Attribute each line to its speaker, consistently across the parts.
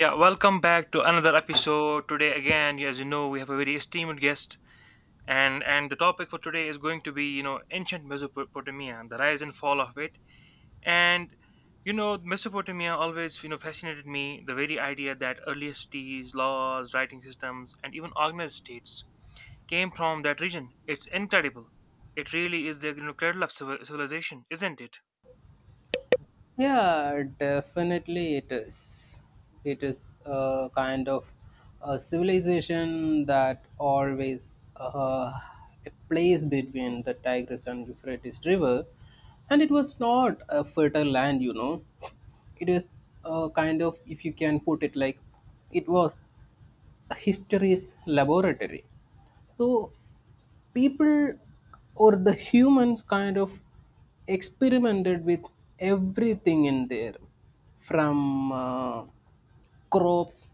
Speaker 1: Yeah, welcome back to another episode. Today again, yeah, as you know, we have a very esteemed guest, and the topic for today is going to be ancient Mesopotamia, the rise and fall of it, and Mesopotamia always fascinated me. The very idea that earliest cities, laws, writing systems, and even organized states came from that region. It's incredible. It really is the cradle of civilization, isn't it?
Speaker 2: Yeah, definitely it is. It is a kind of a civilization that always uh, plays between the Tigris and Euphrates river, and it was not a fertile land, you know. It is a kind of, if you can put it like, it was history's laboratory. So people or the humans kind of experimented with everything in there from crops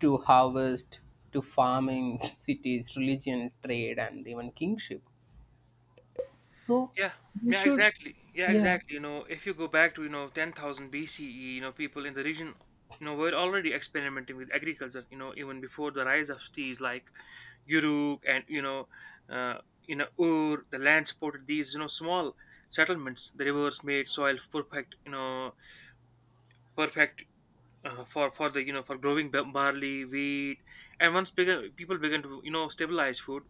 Speaker 2: to harvest to farming, cities, religion, trade, and even kingship. So
Speaker 1: Yeah,
Speaker 2: we
Speaker 1: yeah,
Speaker 2: should,
Speaker 1: exactly. Yeah,
Speaker 2: yeah,
Speaker 1: exactly. If you go back to, 10,000 BCE, people in the region, were already experimenting with agriculture, even before the rise of cities like Uruk and, uh, Ur. The land supported these, small settlements. The rivers made soil perfect, perfect for the you know for growing barley, wheat, and once began, people began to stabilize food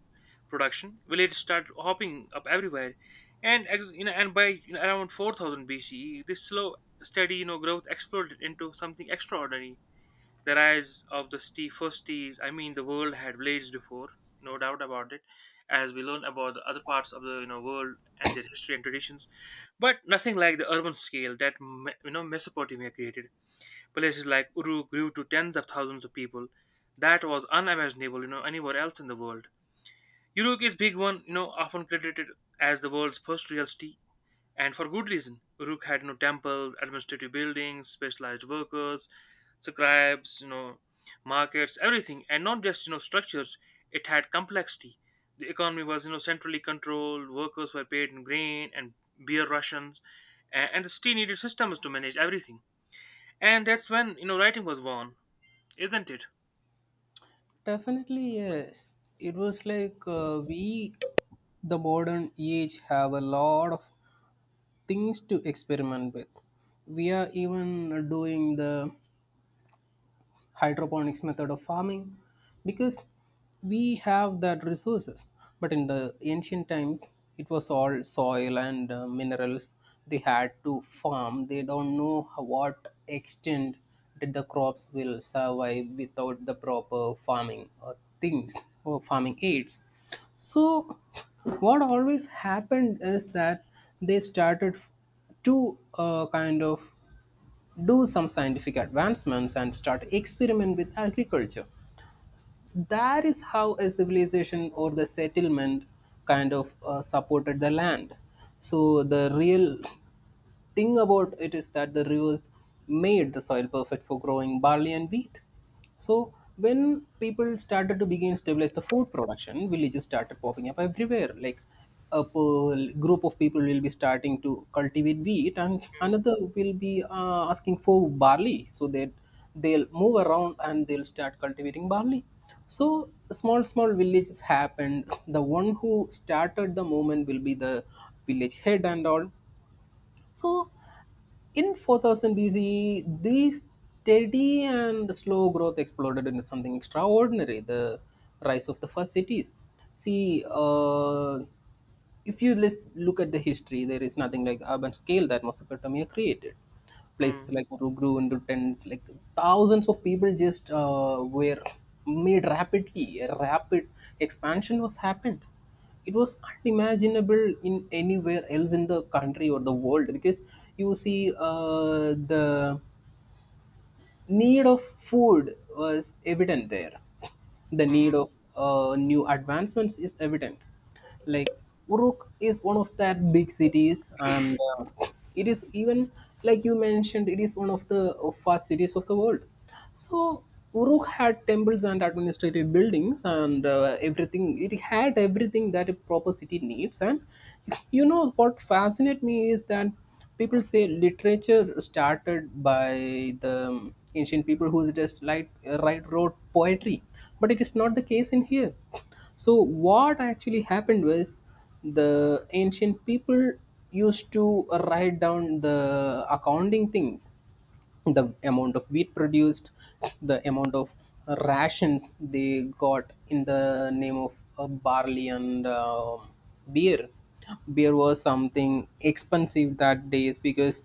Speaker 1: production, villages start hopping up everywhere, and ex, you know and by around 4,000 BCE, this slow steady growth exploded into something extraordinary. The rise of the tea, first teas. I mean, the world had villages before, no doubt about it. As we learn about the other parts of the world and their history and traditions, but nothing like the urban scale that Mesopotamia created. Places like Uru grew to tens of thousands of people. That was unimaginable, anywhere else in the world. Uruk is big one, often credited as the world's first real city, and for good reason. Uruk had no temples, administrative buildings, specialized workers, scribes, markets, everything, and not just structures. It had complexity. The economy was centrally controlled. Workers were paid in grain and beer rations, and the city needed systems to manage everything. And that's when writing was born, isn't it?
Speaker 2: definitely, yes. It was like we, the modern age, have a lot of things to experiment with. We are even doing the hydroponics method of farming because we have that resources, but in the ancient times it was all soil and minerals. They had to farm. They don't know how- what extent did the crops will survive without the proper farming or things or farming aids. So what always happened is that they started f- to kind of do some scientific advancements and start experiment with agriculture. That is how a civilization or the settlement kind of supported the land. So the real thing about it is that the rivers made the soil perfect for growing barley and wheat. So when people started to begin stabilize the food production, villages started popping up everywhere. Like a group of people will be starting to cultivate wheat, and
Speaker 1: Mm,
Speaker 2: another will be asking for barley. So that they'll move around and they'll start cultivating barley. So small, small villages happened. The one who started the movement will be the village head and all. So, in 4000 BCE, the steady and slow growth exploded into something extraordinary, the rise of the first cities. See, if you list, look at the history, there is nothing like urban scale that Mesopotamia created.
Speaker 1: mm,
Speaker 2: Places like Uru grew into tens, like thousands of people, just were made rapidly. A rapid expansion was happened. It was unimaginable in anywhere else in the country or the world, because you see the need of food was evident there, the
Speaker 1: hmm,
Speaker 2: need of new advancements is evident, like Uruk is one of that big cities, and it is even, like you mentioned, it is one of the fast cities of the world. So Uruk had temples and administrative buildings and everything. It had everything that a proper city needs. And you know what fascinates me is that people say literature started by the ancient people who just like write wrote poetry, but it is not the case in here. So what actually happened was the ancient people used to write down the accounting things, the amount of wheat produced, the amount of rations they got in the name of barley and beer. Beer was something expensive that days, because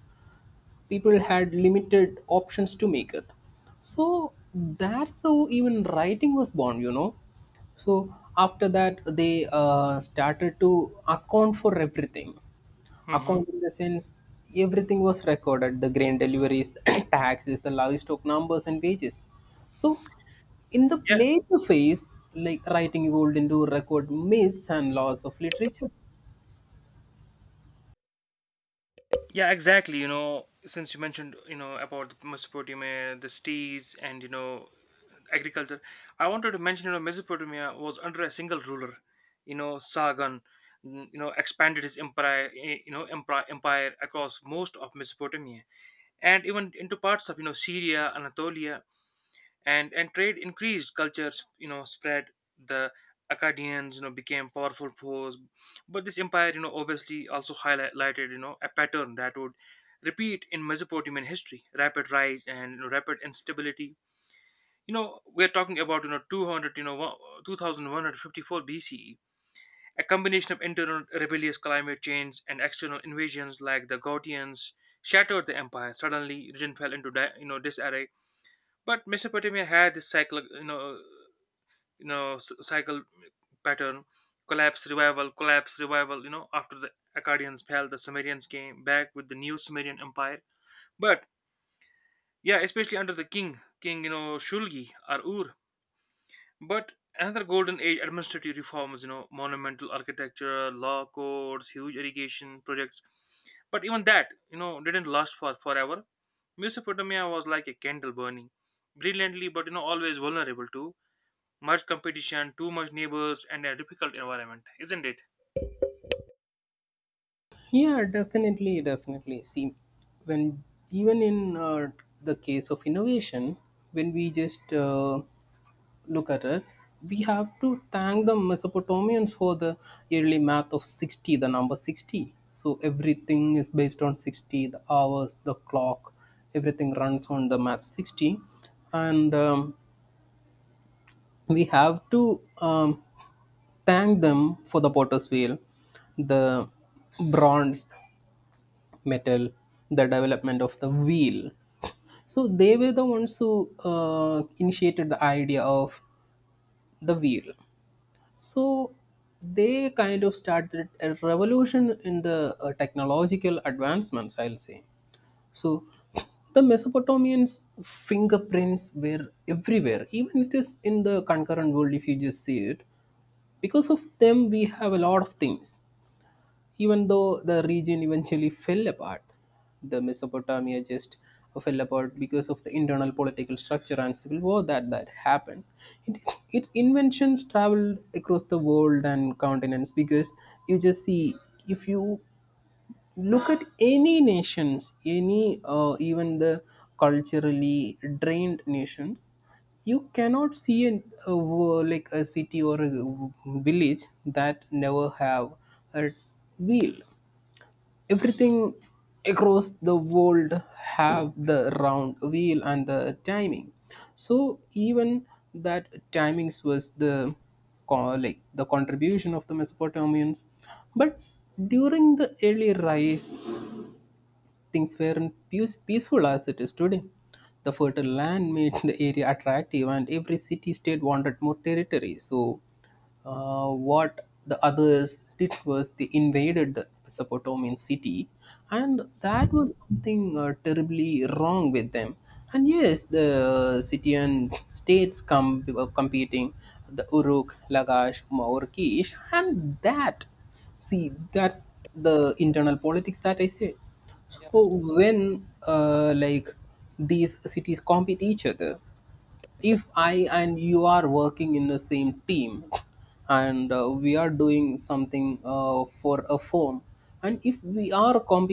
Speaker 2: people had limited options to make it. So that's how even writing was born, you know. So after that, they started to account for everything.
Speaker 1: hmm.
Speaker 2: Account in the sense everything was recorded: the grain deliveries, taxes, the livestock numbers, and wages. So in the
Speaker 1: Yeah,
Speaker 2: later phase, like, writing evolved into record myths and laws of literature.
Speaker 1: yeah, exactly. Since you mentioned, about the Mesopotamia, the stees, and agriculture, I wanted to mention, Mesopotamia was under a single ruler, Sargon expanded his empire, empire across most of Mesopotamia and even into parts of Syria, Anatolia, and trade increased, cultures spread. The Akkadians became powerful foes, but this empire obviously also highlighted a pattern that would repeat in Mesopotamian history: rapid rise and rapid instability. We're talking about 200, 2154 BCE. A combination of internal rebellious climate change and external invasions like the Gautians shattered the empire suddenly, region fell into disarray. But Mesopotamia had this cycle pattern: collapse, revival, collapse, revival. After the Akkadians fell, the Sumerians came back with the new Sumerian empire. But yeah, especially under the king Shulgi or Ur. But another golden age: administrative reforms, monumental architecture, law codes, huge irrigation projects. But even that didn't last for forever. Mesopotamia was like a candle burning brilliantly, but always vulnerable. Too much competition, too much neighbors, and a difficult environment, isn't it?
Speaker 2: Yeah, definitely, definitely. See, when, even in the case of innovation, when we just look at it, we have to thank the Mesopotamians for the yearly math of 60, the number 60. So everything is based on 60, the hours, the clock, everything runs on the math 60. And we have to thank them for the potter's wheel, the bronze metal, the development of the wheel. So they were the ones who initiated the idea of the wheel. So they kind of started a revolution in the technological advancements, I'll say. So the Mesopotamians' fingerprints were everywhere, even it is in the concurrent world if you just see it. Because of them, we have a lot of things. Even though the region eventually fell apart, the Mesopotamia just fell apart because of the internal political structure and civil war that happened. It is, its inventions traveled across the world and continents, because you just see, if you look at any nations, any even the culturally drained nations, you cannot see like a city or a village that never have a wheel. Everything across the world have the round wheel and the timing. So even that timings was the like the contribution of the Mesopotamians. But during the early rise, things weren't peaceful as it is today. The fertile land made the area attractive, and every city state wanted more territory. So, what the others did was they invaded the Mesopotamian city, and that was something terribly wrong with them. And yes, the city and states come were competing, the Uruk, Lagash, Maurkish, and that, see, that's the internal politics that I said. So when like these cities compete each other, if I and you are working in the same team and we are doing something for a firm, and if we are competing